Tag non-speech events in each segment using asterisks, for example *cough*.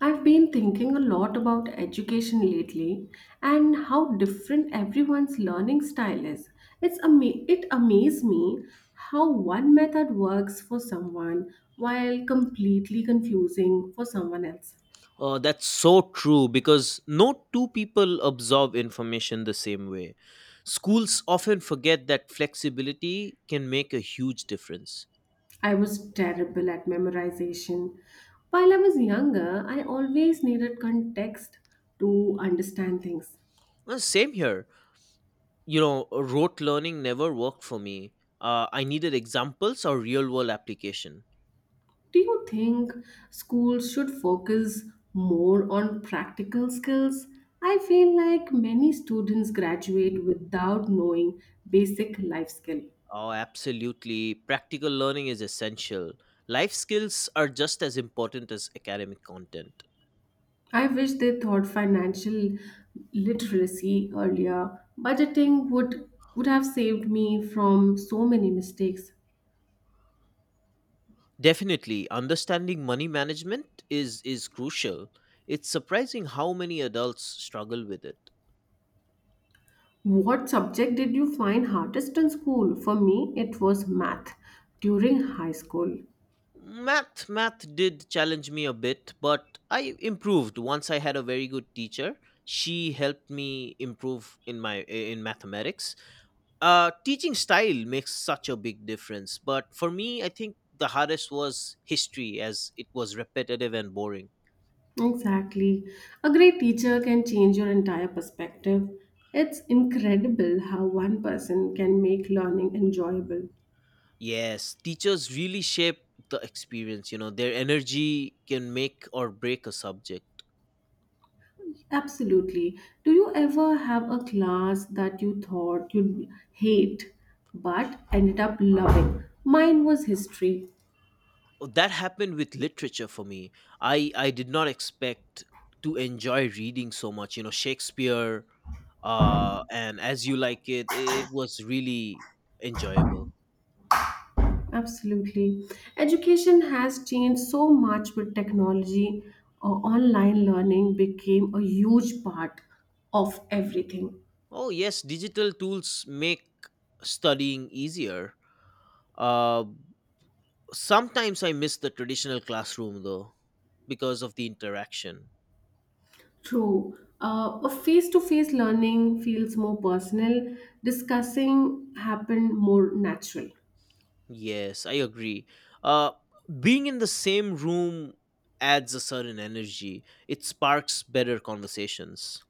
I've been thinking a lot about education lately and how different everyone's learning style is. It amazes me how one method works for someone while completely confusing for someone else. Oh, that's so true because no two people absorb information the same way. Schools often forget that flexibility can make a huge difference. I was terrible at memorization. While I was younger, I always needed context to understand things. Well, same here. You know, rote learning never worked for me. I needed examples or real world application. Do you think schools should focus more on practical skills? I feel like many students graduate without knowing basic life skill. Oh, absolutely. Practical learning is essential. Life skills are just as important as academic content. I wish they thought financial literacy earlier. Budgeting would have saved me from so many mistakes. Definitely, understanding money management is crucial. It's surprising how many adults struggle with it. What subject did you find hardest in school? For me, it was math during high school. Math did challenge me a bit, but I improved once I had a very good teacher. She helped me improve in mathematics. Teaching style makes such a big difference, but for me I think the hardest was history as it was repetitive and boring. Exactly. A great teacher can change your entire perspective. It's incredible how one person can make learning enjoyable. Yes, teachers really shape the experience. You know, their energy can make or break a subject. Absolutely. Do you ever have a class that you thought you'd hate but ended up loving? Mine was history. Oh, that happened with literature for me. I did not expect to enjoy reading so much. You know, Shakespeare, and As You Like It. It was really enjoyable. Absolutely. Education has changed so much with technology. Online learning became a huge part of everything. Oh yes, digital tools make studying easier. Uh, Sometimes I miss the traditional classroom though because of the interaction. True. A face to face learning feels more personal, discussing happened more natural. Yes, I agree. Uh, Being in the same room adds a certain energy. It sparks better conversations.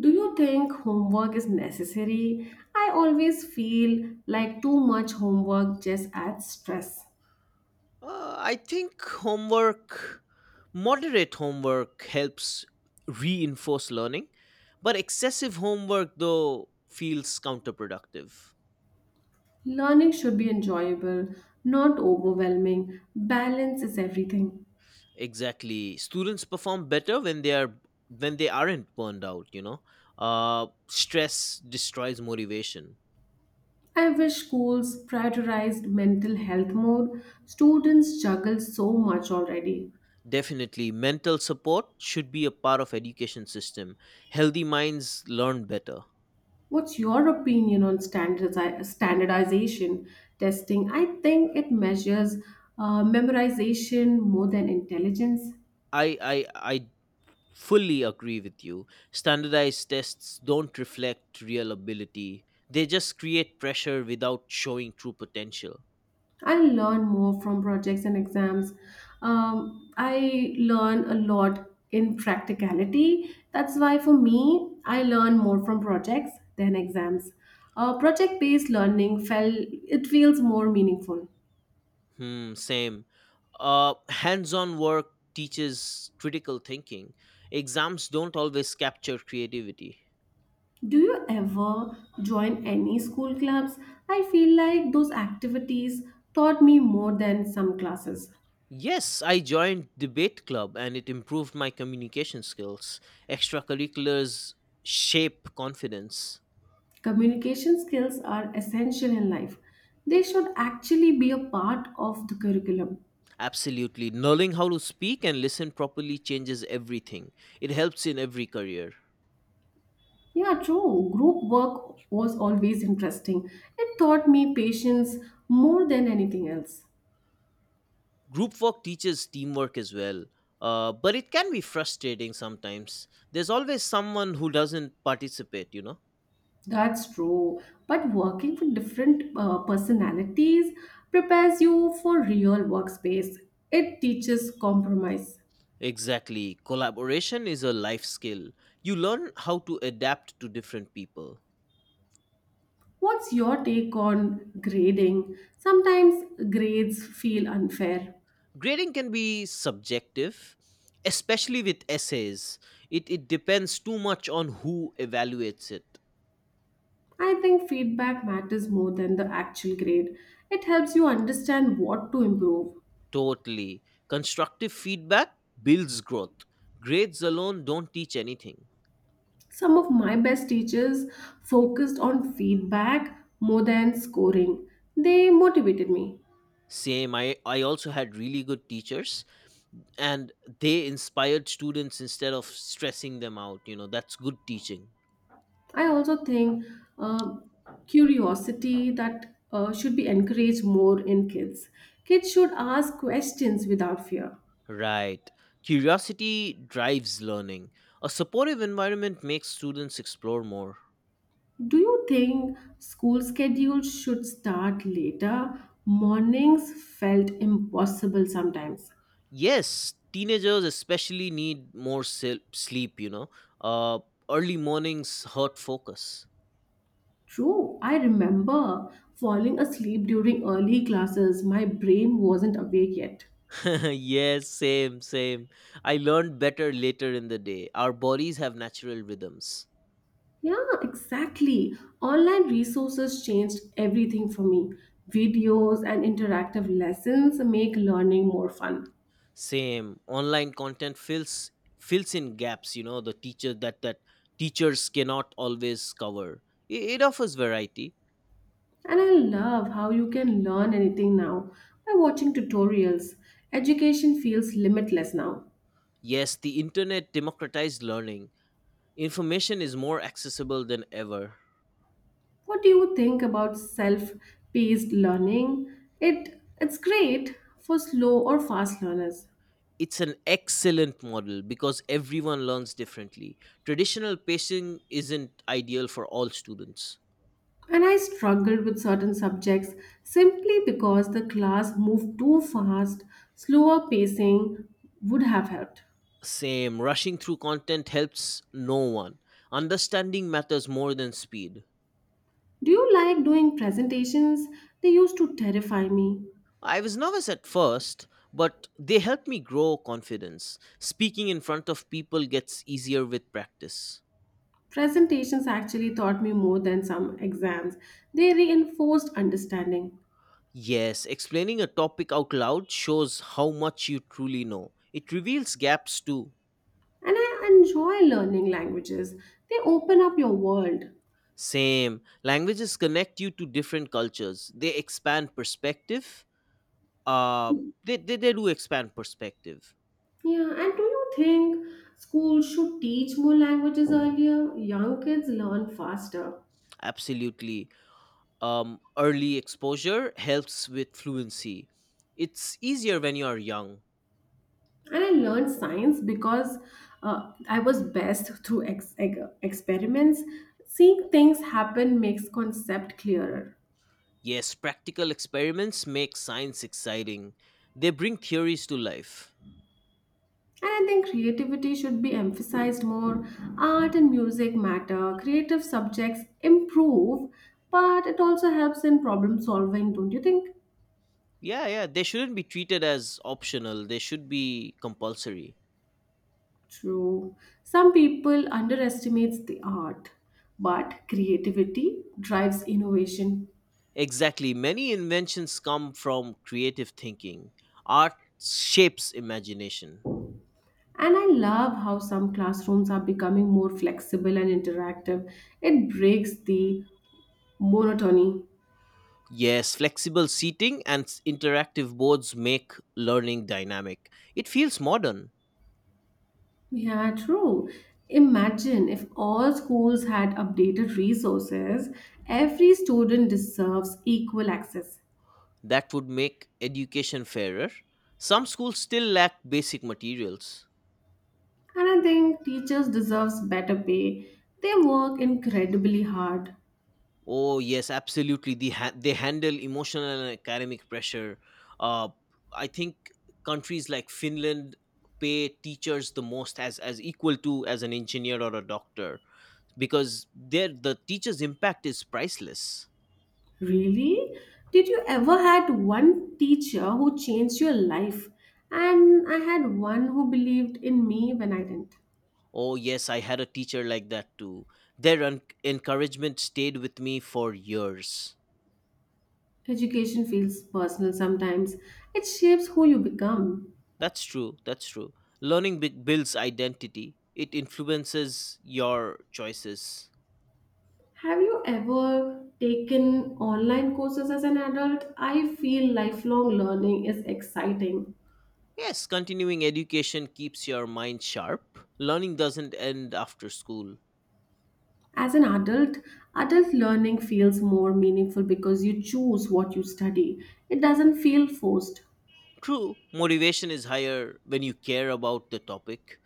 Do you think homework is necessary? I always feel like too much homework just adds stress. I think homework, moderate homework, helps reinforce learning, but excessive homework, though, feels counterproductive. Learning should be enjoyable, not overwhelming. Balance is everything. Exactly, students perform better when they aren't burned out. You know, stress destroys motivation. I wish schools prioritized mental health more. Students juggle so much already. Definitely, mental support should be a part of education system. Healthy minds learn better. What's your opinion on standardization testing? I think it measures memorization more than intelligence. I fully agree with you. Standardized tests don't reflect real ability. They just create pressure without showing true potential. I learn more from projects and exams. I learn a lot in practicality. That's why, for me, I learn more from projects than exams. Project based learning felt it feels more meaningful. Hmm, same. Hands-on work teaches critical thinking. Exams don't always capture creativity. Do you ever join any school clubs? I feel like those activities taught me more than some classes. Yes, I joined debate club and it improved my communication skills. Extracurriculars shape confidence. Communication skills are essential in life. They should actually be a part of the curriculum. Absolutely. Knowing how to speak and listen properly changes everything. It helps in every career. Yeah, true. Group work was always interesting. It taught me patience more than anything else. Group work teaches teamwork as well. But it can be frustrating sometimes. There's always someone who doesn't participate, you know? That's true. But working with different personalities prepares you for real workspace. It teaches compromise. Exactly. Collaboration is a life skill. You learn how to adapt to different people. What's your take on grading? Sometimes grades feel unfair. Grading can be subjective, especially with essays. It depends too much on who evaluates it. I think feedback matters more than the actual grade. It helps you understand what to improve. Totally. Constructive feedback builds growth. Grades alone don't teach anything. Some of my best teachers focused on feedback more than scoring. They motivated me. Same, I also had really good teachers, and they inspired students instead of stressing them out, you know? That's good teaching. I also think uh, curiosity that should be encouraged more in kids. Kids should ask questions without fear. Right, curiosity drives learning. A supportive environment makes students explore more. Do you think school schedules should start later? Mornings felt impossible sometimes. Yes, teenagers especially need more sleep, you know. Uh, Early mornings hurt focus. True, I remember falling asleep during early classes. My brain wasn't awake yet. *laughs* Yes, same, same. I learned better later in the day. Our bodies have natural rhythms. Yeah, exactly. Online resources changed everything for me. Videos and interactive lessons make learning more fun. Same. Online content fills in gaps, you know, the teacher that that teachers cannot always cover. It offers variety. And I love how you can learn anything now by watching tutorials. Education feels limitless now. Yes, the internet democratized learning. Information is more accessible than ever. What do you think about self-paced learning? It's great for slow or fast learners. It's an excellent model because everyone learns differently. Traditional pacing isn't ideal for all students. And I struggled with certain subjects simply because the class moved too fast. Slower pacing would have helped. Same, rushing through content helps no one. Understanding matters more than speed. Do you like doing presentations? They used to terrify me. I was nervous at first, but they helped me grow confidence. Speaking in front of people gets easier with practice. Presentations actually taught me more than some exams. They reinforced understanding. Yes, explaining a topic out loud shows how much you truly know. It reveals gaps too. And I enjoy learning languages. They open up your world. Same. Languages connect you to different cultures. They expand perspective. Uh, they do expand perspective. Yeah, and do you think schools should teach more languages earlier? Young kids learn faster. Absolutely. Early exposure helps with fluency. It's easier when you are young. And I learned science because I was best through experiments. Seeing things happen makes concept clearer. Yes, practical experiments make science exciting. They bring theories to life. And I think creativity should be emphasized more. Art and music matter. Creative subjects improve, but it also helps in problem solving, don't you think? Yeah, yeah, they shouldn't be treated as optional. They should be compulsory. True. Some people underestimates the art, but creativity drives innovation. Exactly. Many inventions come from creative thinking. Art shapes imagination. And I love how some classrooms are becoming more flexible and interactive. It breaks the monotony. Yes, flexible seating and interactive boards make learning dynamic. It feels modern. Yeah, true. Imagine if all schools had updated resources, every student deserves equal access. That would make education fairer. Some schools still lack basic materials. And I think teachers deserves better pay. They work incredibly hard. Oh yes, absolutely. They handle emotional and academic pressure. Uh, I think countries like Finland pay teachers the most, as equal to as an engineer or a doctor, because the teacher's impact is priceless. Really? Did you ever had one teacher who changed your life? And I had one who believed in me when I didn't. Oh yes, I had a teacher like that too. Their encouragement stayed with me for years. Education feels personal sometimes. It shapes who you become. That's true. That's true. Learning builds identity. It influences your choices. Have you ever taken online courses as an adult? I feel lifelong learning is exciting. Yes, continuing education keeps your mind sharp. Learning doesn't end after school. As an adult, adult learning feels more meaningful because you choose what you study. It doesn't feel forced. True, motivation is higher when you care about the topic.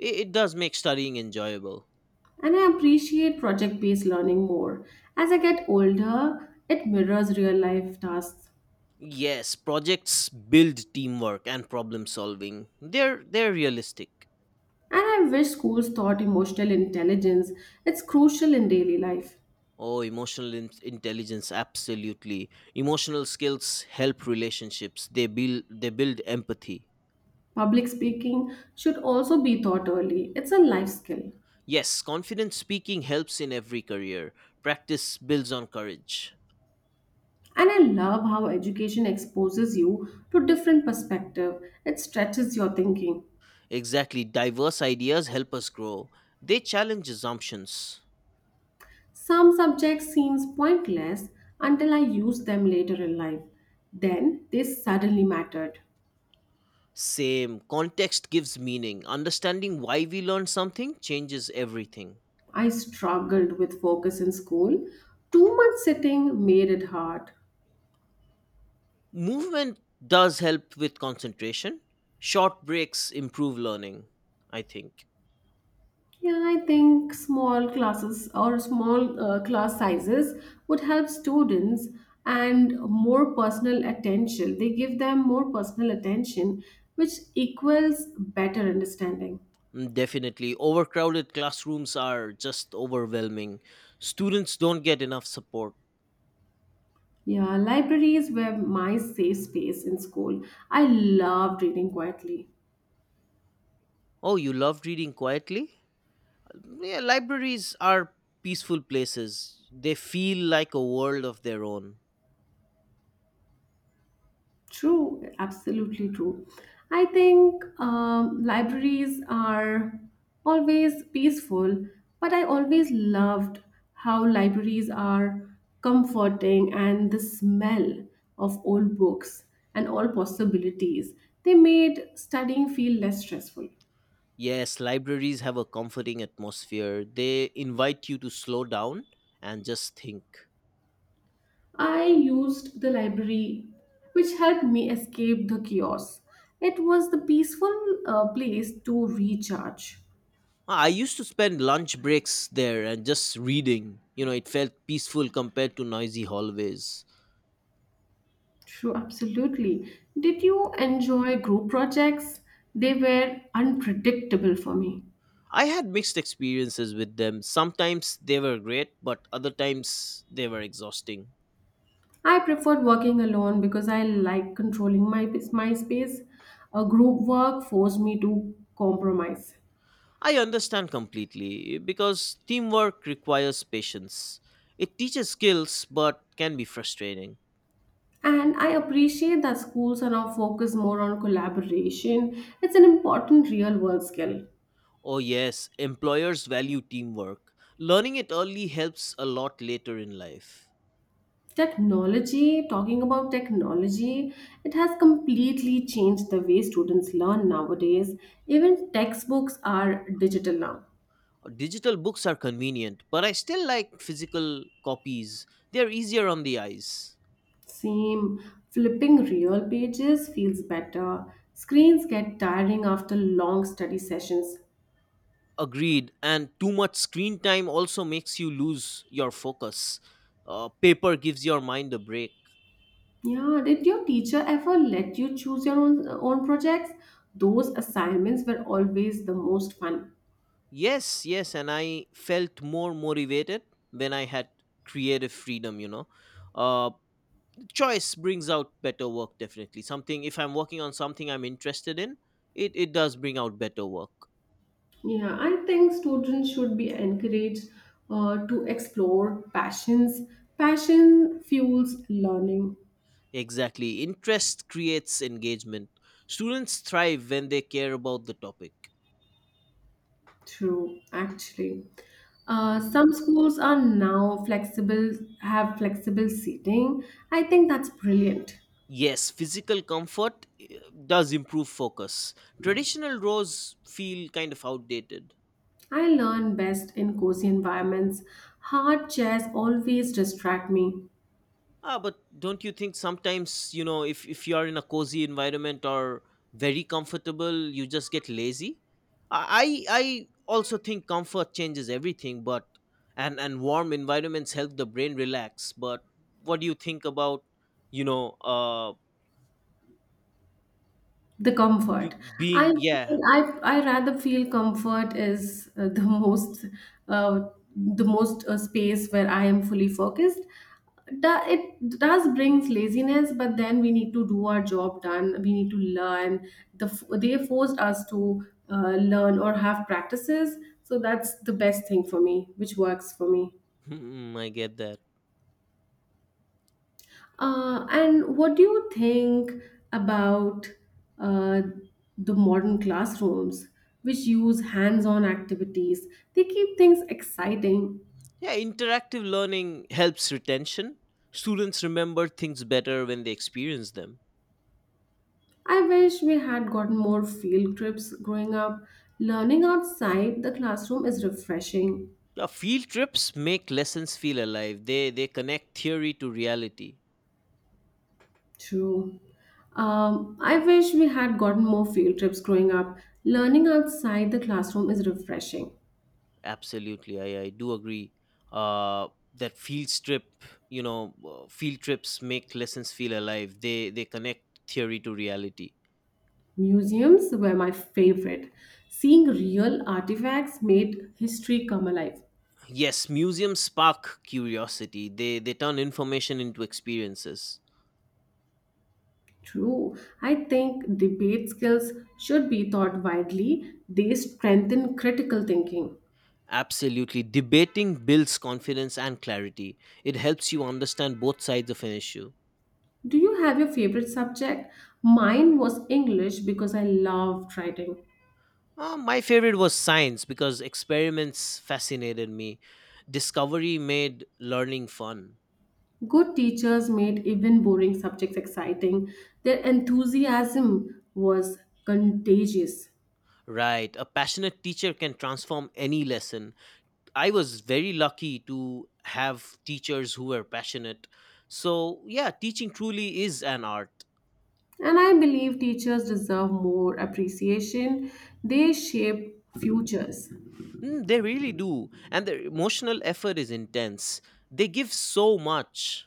It does make studying enjoyable. And I appreciate project based learning more. As I get older, it mirrors real life tasks. Yes, projects build teamwork and problem solving. They're realistic. And I wish schools taught emotional intelligence, it's crucial in daily life. Oh, emotional intelligence, absolutely. Emotional skills help relationships. They build empathy. Public speaking should also be taught early, it's a life skill. Yes, confident speaking helps in every career. Practice builds on courage. And I love how education exposes you to different perspective. It stretches your thinking. Exactly, diverse ideas help us grow. They challenge assumptions. Some subjects seems pointless until I use them later in life. Then they suddenly mattered. Same, context gives meaning. Understanding why we learn something changes everything. I struggled with focus in school. Too much sitting made it hard. Movement does help with concentration. Short breaks improve learning, I think. Yeah, I think small classes or small class sizes would help students and more personal attention. They give them more personal attention, which equals better understanding. Mm, definitely. Overcrowded classrooms are just overwhelming. Students don't get enough support. Yeah, libraries were my safe space in school. I loved reading quietly. Oh, you love reading quietly? Yeah, libraries are peaceful places. They feel like a world of their own. True, absolutely true. I think libraries are always peaceful, but I always loved how libraries are comforting and the smell of old books and all possibilities. They made studying feel less stressful. Yes, libraries have a comforting atmosphere. They invite you to slow down and just think. I used the library, which helped me escape the chaos. It was the peaceful place to recharge. I used to spend lunch breaks there and just reading. You know, it felt peaceful compared to noisy hallways. True, absolutely. Did you enjoy group projects? They were unpredictable for me. I had mixed experiences with them. Sometimes they were great, but other times they were exhausting. I preferred working alone because I like controlling my space. A group work forced me to compromise. I understand completely because teamwork requires patience. It teaches skills but can be frustrating. And I appreciate that schools are now focused more on collaboration. It's an important real world skill. Oh, yes, employers value teamwork. Learning it early helps a lot later in life. Technology, talking about technology, it has completely changed the way students learn nowadays. Even textbooks are digital now. Digital books are convenient, but I still like physical copies. They're easier on the eyes. Same, flipping real pages feels better. Screens get tiring after long study sessions. Agreed, and too much screen time also makes you lose your focus. Paper gives your mind a break. Yeah, did your teacher ever let you choose your own projects? Those assignments were always the most fun. Yes, yes, and I felt more motivated when I had creative freedom, you know. Uh, Choice brings out better work, definitely. Something, if I'm working on something I'm interested in, it does bring out better work. Yeah, I think students should be encouraged to explore passions. Passion fuels learning Exactly. Interest creates engagement. Students thrive when they care about the topic. through actually. Some schools are now flexible, have flexible seating. I think that's brilliant. Yes, physical comfort does improve focus. Traditional roles feel kind of outdated. I learn best in cozy environments. Hard chairs always distract me. Ah, but don't you think sometimes, you know, if you are in a cozy environment or very comfortable, you just get lazy? I also think comfort changes everything, but and warm environments help the brain relax. But what do you think about, you know, The comfort. I being, yeah. feel I rather feel comfort is uh, the most space where I am fully focused. It does brings laziness, but then we need to do our job done. We need to learn. They forced us to learn or have practices, so that's the best thing for me, which works for me. Mm, I get that. And what do you think about uh, the modern classrooms, which use hands on activities? They keep things exciting. Yeah, interactive learning helps retention. Students remember things better when they experience them. I wish we had gotten more field trips growing up. Learning outside the classroom is refreshing. Yeah, field trips make lessons feel alive. They connect theory to reality. True. I wish we had gotten more field trips growing up. Learning outside the classroom is refreshing. Absolutely, I do agree. Uh, that field trip, you know, Field trips make lessons feel alive. They connect theory to reality. Museums were my favorite. Seeing real artifacts made history come alive. Yes, museums spark curiosity. They turn information into experiences. True, I think debate skills should be taught widely. They strengthen critical thinking. Absolutely, debating builds confidence and clarity. It helps you understand both sides of an issue. Do you have your favorite subject? Mine was English because I loved writing. My favorite was science because experiments fascinated me. Discovery made learning fun. Good teachers made even boring subjects exciting. Their enthusiasm was contagious. Right, a passionate teacher can transform any lesson. I was very lucky to have teachers who were passionate. So, yeah, teaching truly is an art. And I believe teachers deserve more appreciation. They shape futures. Mm, they really do. And their emotional effort is intense. They give so much.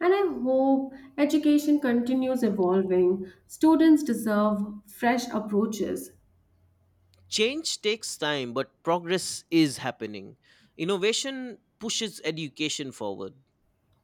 And I hope education continues evolving. Students deserve fresh approaches. Change takes time, but progress is happening. Innovation pushes education forward.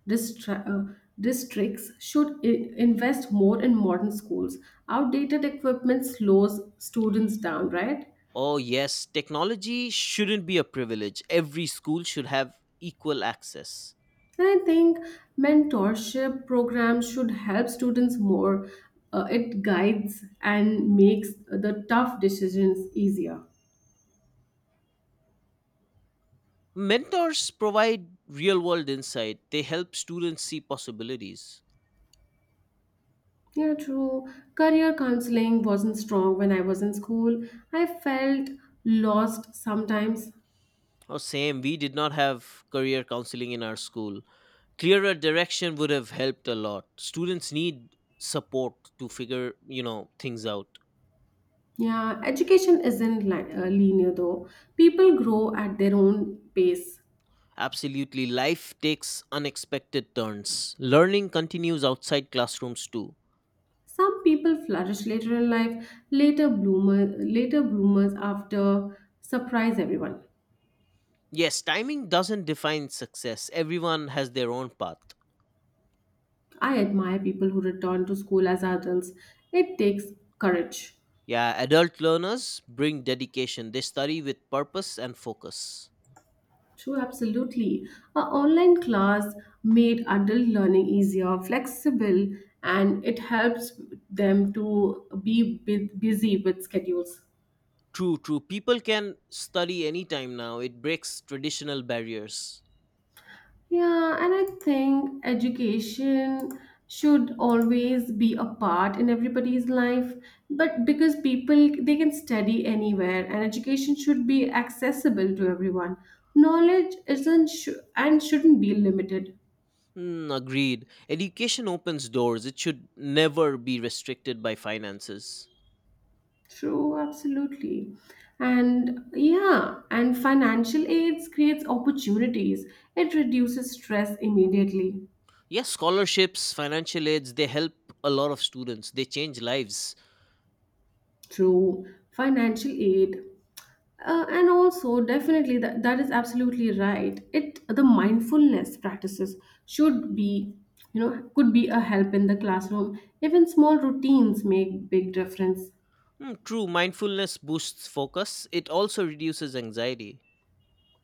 Distra- uh, Districts should invest more in modern schools. Outdated equipment slows students down, right? Oh, yes, technology shouldn't be a privilege. Every school should have equal access. And I think mentorship programs should help students more. It guides and makes the tough decisions easier. Mentors provide real world insight. They help students see possibilities. Yeah, true. Career counseling wasn't strong when I was in school. I felt lost sometimes. Oh, same, we did not have career counseling in our school. Clearer direction would have helped a lot. Students need support to figure, you know, things out. Yeah, education isn't linear though. People grow at their own pace. Absolutely, life takes unexpected turns. Learning continues outside classrooms too. Some people flourish later in life, later bloomers after surprise everyone. Yes, timing doesn't define success. Everyone has their own path. I admire people who return to school as adults. It takes courage. Yeah, adult learners bring dedication. They study with purpose and focus. True, absolutely. A online class made adult learning easier, flexible, and it helps them to be busy with schedules. True, true. People can study anytime now. It breaks traditional barriers. Yeah, and I think education should always be a part in everybody's life, but because people they can study anywhere, and education should be accessible to everyone. Knowledge isn't and shouldn't be limited. Hmm, agreed. Education opens doors. It should never be restricted by finances. True, absolutely. And yeah, and financial aids creates opportunities. It reduces stress immediately. Yes, scholarships, financial aids, they help a lot of students. They change lives. True, financial aid. And also definitely that is absolutely right. It the mindfulness practices should be, you know, could be a help in the classroom. Even small routines make big difference. Hmm, true, mindfulness boosts focus. It also reduces anxiety.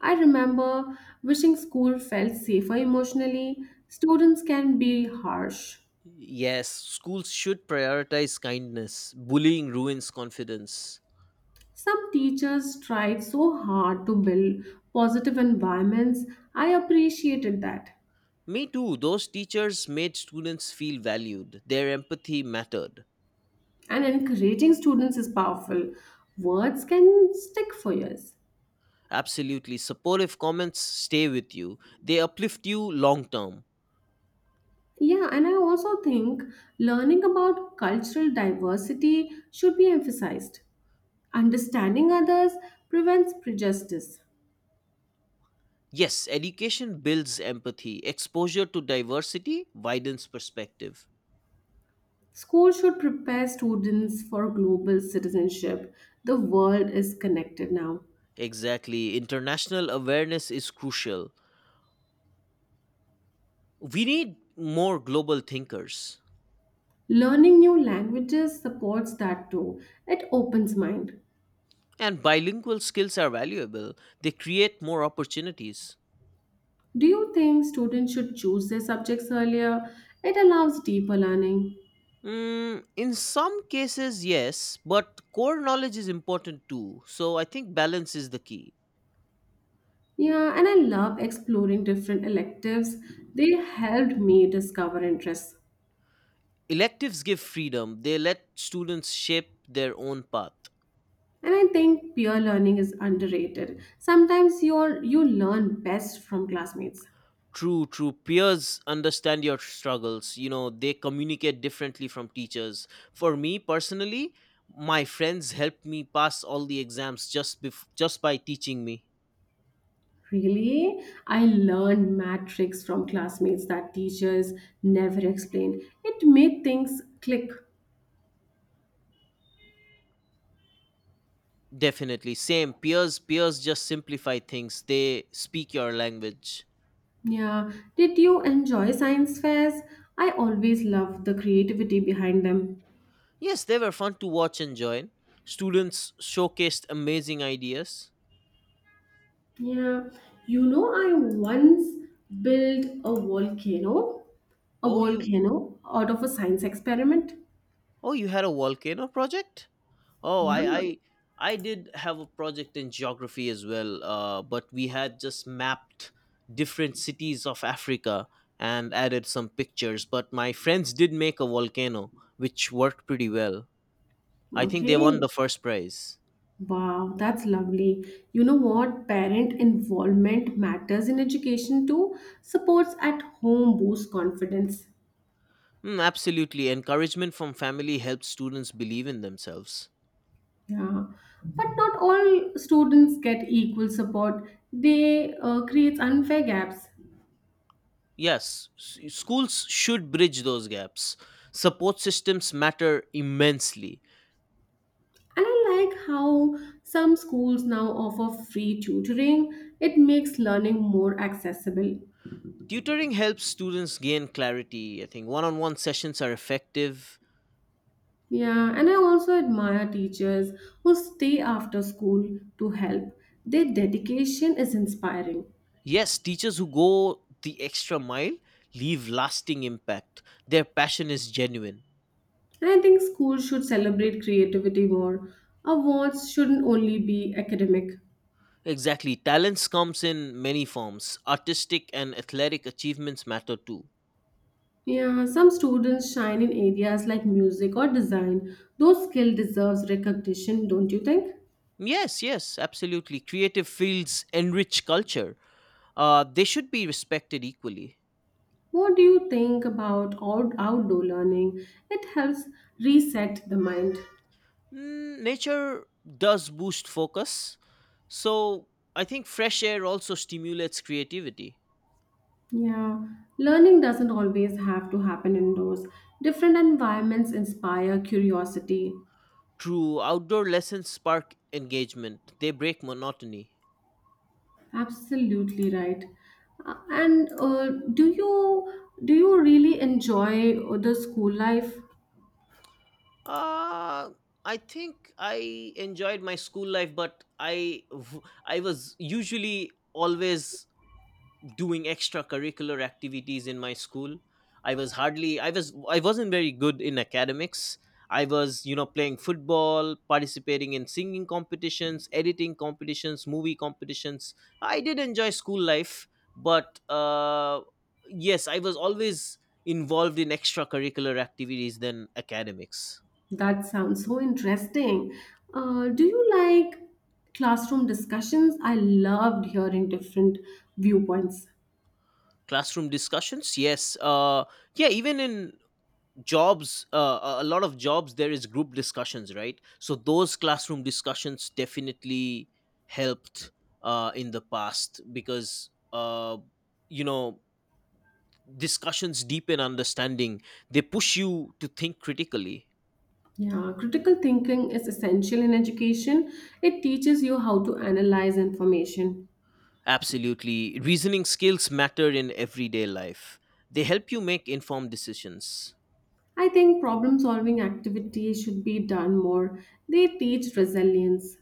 I remember wishing school felt safer emotionally. Students can be harsh. Yes, schools should prioritize kindness. Bullying ruins confidence. Some teachers tried so hard to build positive environments. I appreciated that. Me too, those teachers made students feel valued. Their empathy mattered. And encouraging students is powerful. Words can stick for years. Absolutely, supportive comments stay with you, they uplift you long term. Yeah, and I also think learning about cultural diversity should be emphasized. Understanding others prevents prejudice. Yes, education builds empathy. Exposure to diversity widens perspective. School should prepare students for global citizenship. The world is connected now. Exactly, international awareness is crucial. We need more global thinkers. Learning new languages supports that too. It opens mind. And bilingual skills are valuable, they create more opportunities. Do you think students should choose their subjects earlier? It allows deeper learning. Mm, in some cases, yes, but core knowledge is important too. So I think balance is the key. Yeah, and I love exploring different electives. They helped me discover interests. Electives give freedom, they let students shape their own path. And I think peer learning is underrated. Sometimes you learn best from classmates. True, true. Peers understand your struggles. You know, they communicate differently from teachers. For me personally, my friends helped me pass all the exams just by teaching me. Really? I learned math tricks from classmates that teachers never explained. It made things click. Definitely. Same. Peers just simplify things. They speak your language. Yeah. Did you enjoy science fairs? I always love the creativity behind them. Yes, they were fun to watch and join. Students showcased amazing ideas. Yeah. You know, I once built a Oh you volcano out of a science experiment. oh, you had a volcano project? Oh I Yeah. I I did have a project in geography as well, but we had just mapped different cities of Africa and added some pictures. But my friends did make a volcano, which worked pretty well. I think they won Okay. the first prize. Wow, that's lovely. You know what? Parent involvement matters in education too. Supports at home boost confidence. Mm, absolutely. Encouragement from family helps students believe in themselves. Yeah, but not all students get equal support. They creates unfair gaps. Yes, schools should bridge those gaps. Support systems matter immensely. And I like how some schools now offer free tutoring. It makes learning more accessible. Tutoring helps students gain clarity. I think one on one sessions are effective. Yeah, and I also admire teachers who stay after school to help. Their dedication is inspiring. Yes, teachers who go the extra mile leave lasting impact. Their passion is genuine. And I think schools should celebrate creativity more. Awards shouldn't only be academic. Exactly. Talents comes in many forms. Artistic and athletic achievements matter too. Yeah, some students shine in areas like music or design. Those skill deserves recognition, don't you think? Yes, yes, absolutely. Creative fields enrich culture. They should be respected equally. What do you think about outdoor learning? It helps reset the mind. Mm, nature does boost focus, so I think fresh air also stimulates creativity. Yeah, learning doesn't always have to happen indoors. Different environments inspire curiosity. True, outdoor lessons spark engagement, they break monotony. Absolutely right. And do you really enjoy the school life? Uh, I think I enjoyed my school life, but I was usually always doing extracurricular activities in my school. I wasn't very good in academics. I was, you know, playing football, participating in singing competitions, editing competitions, movie competitions. I did enjoy school life, but yes, I was always involved in extracurricular activities than academics. That sounds so interesting. Do you like classroom discussions? I loved hearing different viewpoints. Classroom discussions, yes. Yeah, even in jobs, a lot of jobs there is group discussions, right? So those classroom discussions definitely helped, in the past because, you know, discussions deepen understanding. They push you to think critically. Yeah, critical thinking is essential in education. It teaches you how to analyze information. Absolutely. Reasoning skills matter in everyday life. They help you make informed decisions. I think problem solving activities should be done more. They teach resilience.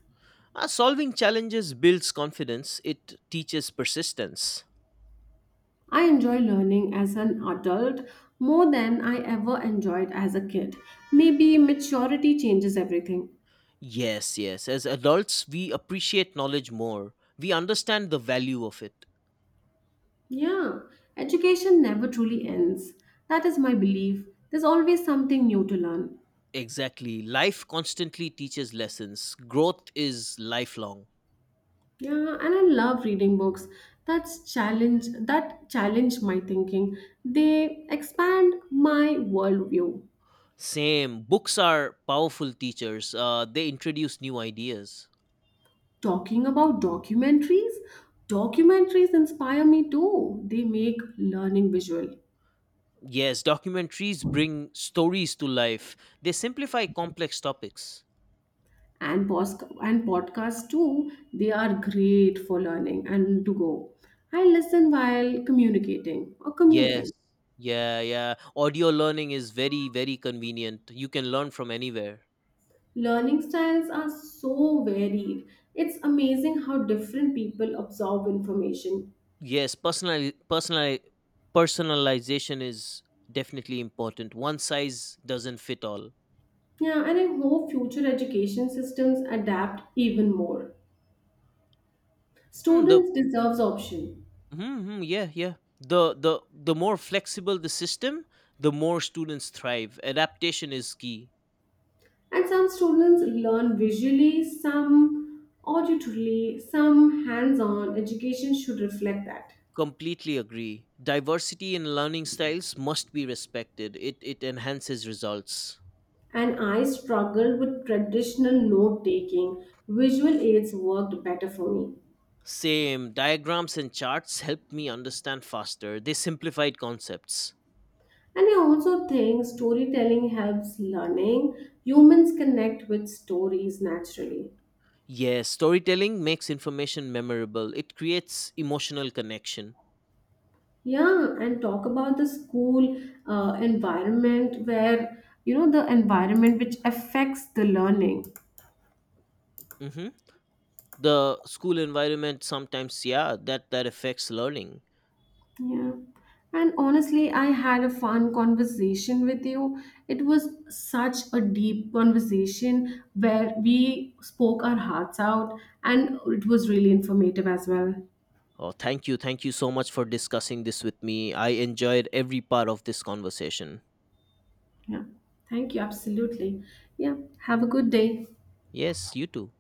Solving challenges builds confidence. It teaches persistence. I enjoy learning as an adult more than I ever enjoyed as a kid. Maybe maturity changes everything. Yes, yes. As adults, we appreciate knowledge more. We understand the value of it. Yeah, education never truly ends. That is my belief. There's always something new to learn. Exactly. Life constantly teaches lessons. Growth is lifelong. Yeah, and I love reading books that challenge my thinking. They expand my worldview. Same. Books are powerful teachers. They introduce new ideas. Talking about documentaries, documentaries inspire me too. They make learning visual. Yes, documentaries bring stories to life. They simplify complex topics. And podcasts too, they are great for learning and to go. I listen while communicating or Yes. commuting. Yeah, yeah. Audio learning is very, very convenient. You can learn from anywhere. Learning styles are so varied. It's amazing how different people absorb information. Yes, personalization is definitely important. One size doesn't fit all. Yeah, and I hope future education systems adapt even more. Hmm, the Students deserves option. Yeah, yeah, the more flexible the system, the more students thrive. Adaptation is key. And some students learn visually, some auditorily, some hands-on. Education should reflect that. Completely agree. Diversity in learning styles must be respected. It enhances results. And I struggled with traditional note taking. Visual aids worked better for me. Same. Diagrams and charts helped me understand faster. They simplified concepts. And I also think storytelling helps learning. Humans connect with stories naturally. Yes, storytelling makes information memorable. It creates emotional connection. Yeah, and talk about the school environment where, you know, the environment which affects the learning. hmm The school environment sometimes, yeah, that affects learning. Yeah. And honestly, I had a fun conversation with you. It was such a deep conversation where we spoke our hearts out, and it was really informative as well. Oh, thank you so much for discussing this with me. I enjoyed every part of this conversation. Yeah. Thank you. Absolutely. Yeah. Have a good day. Yes, you too.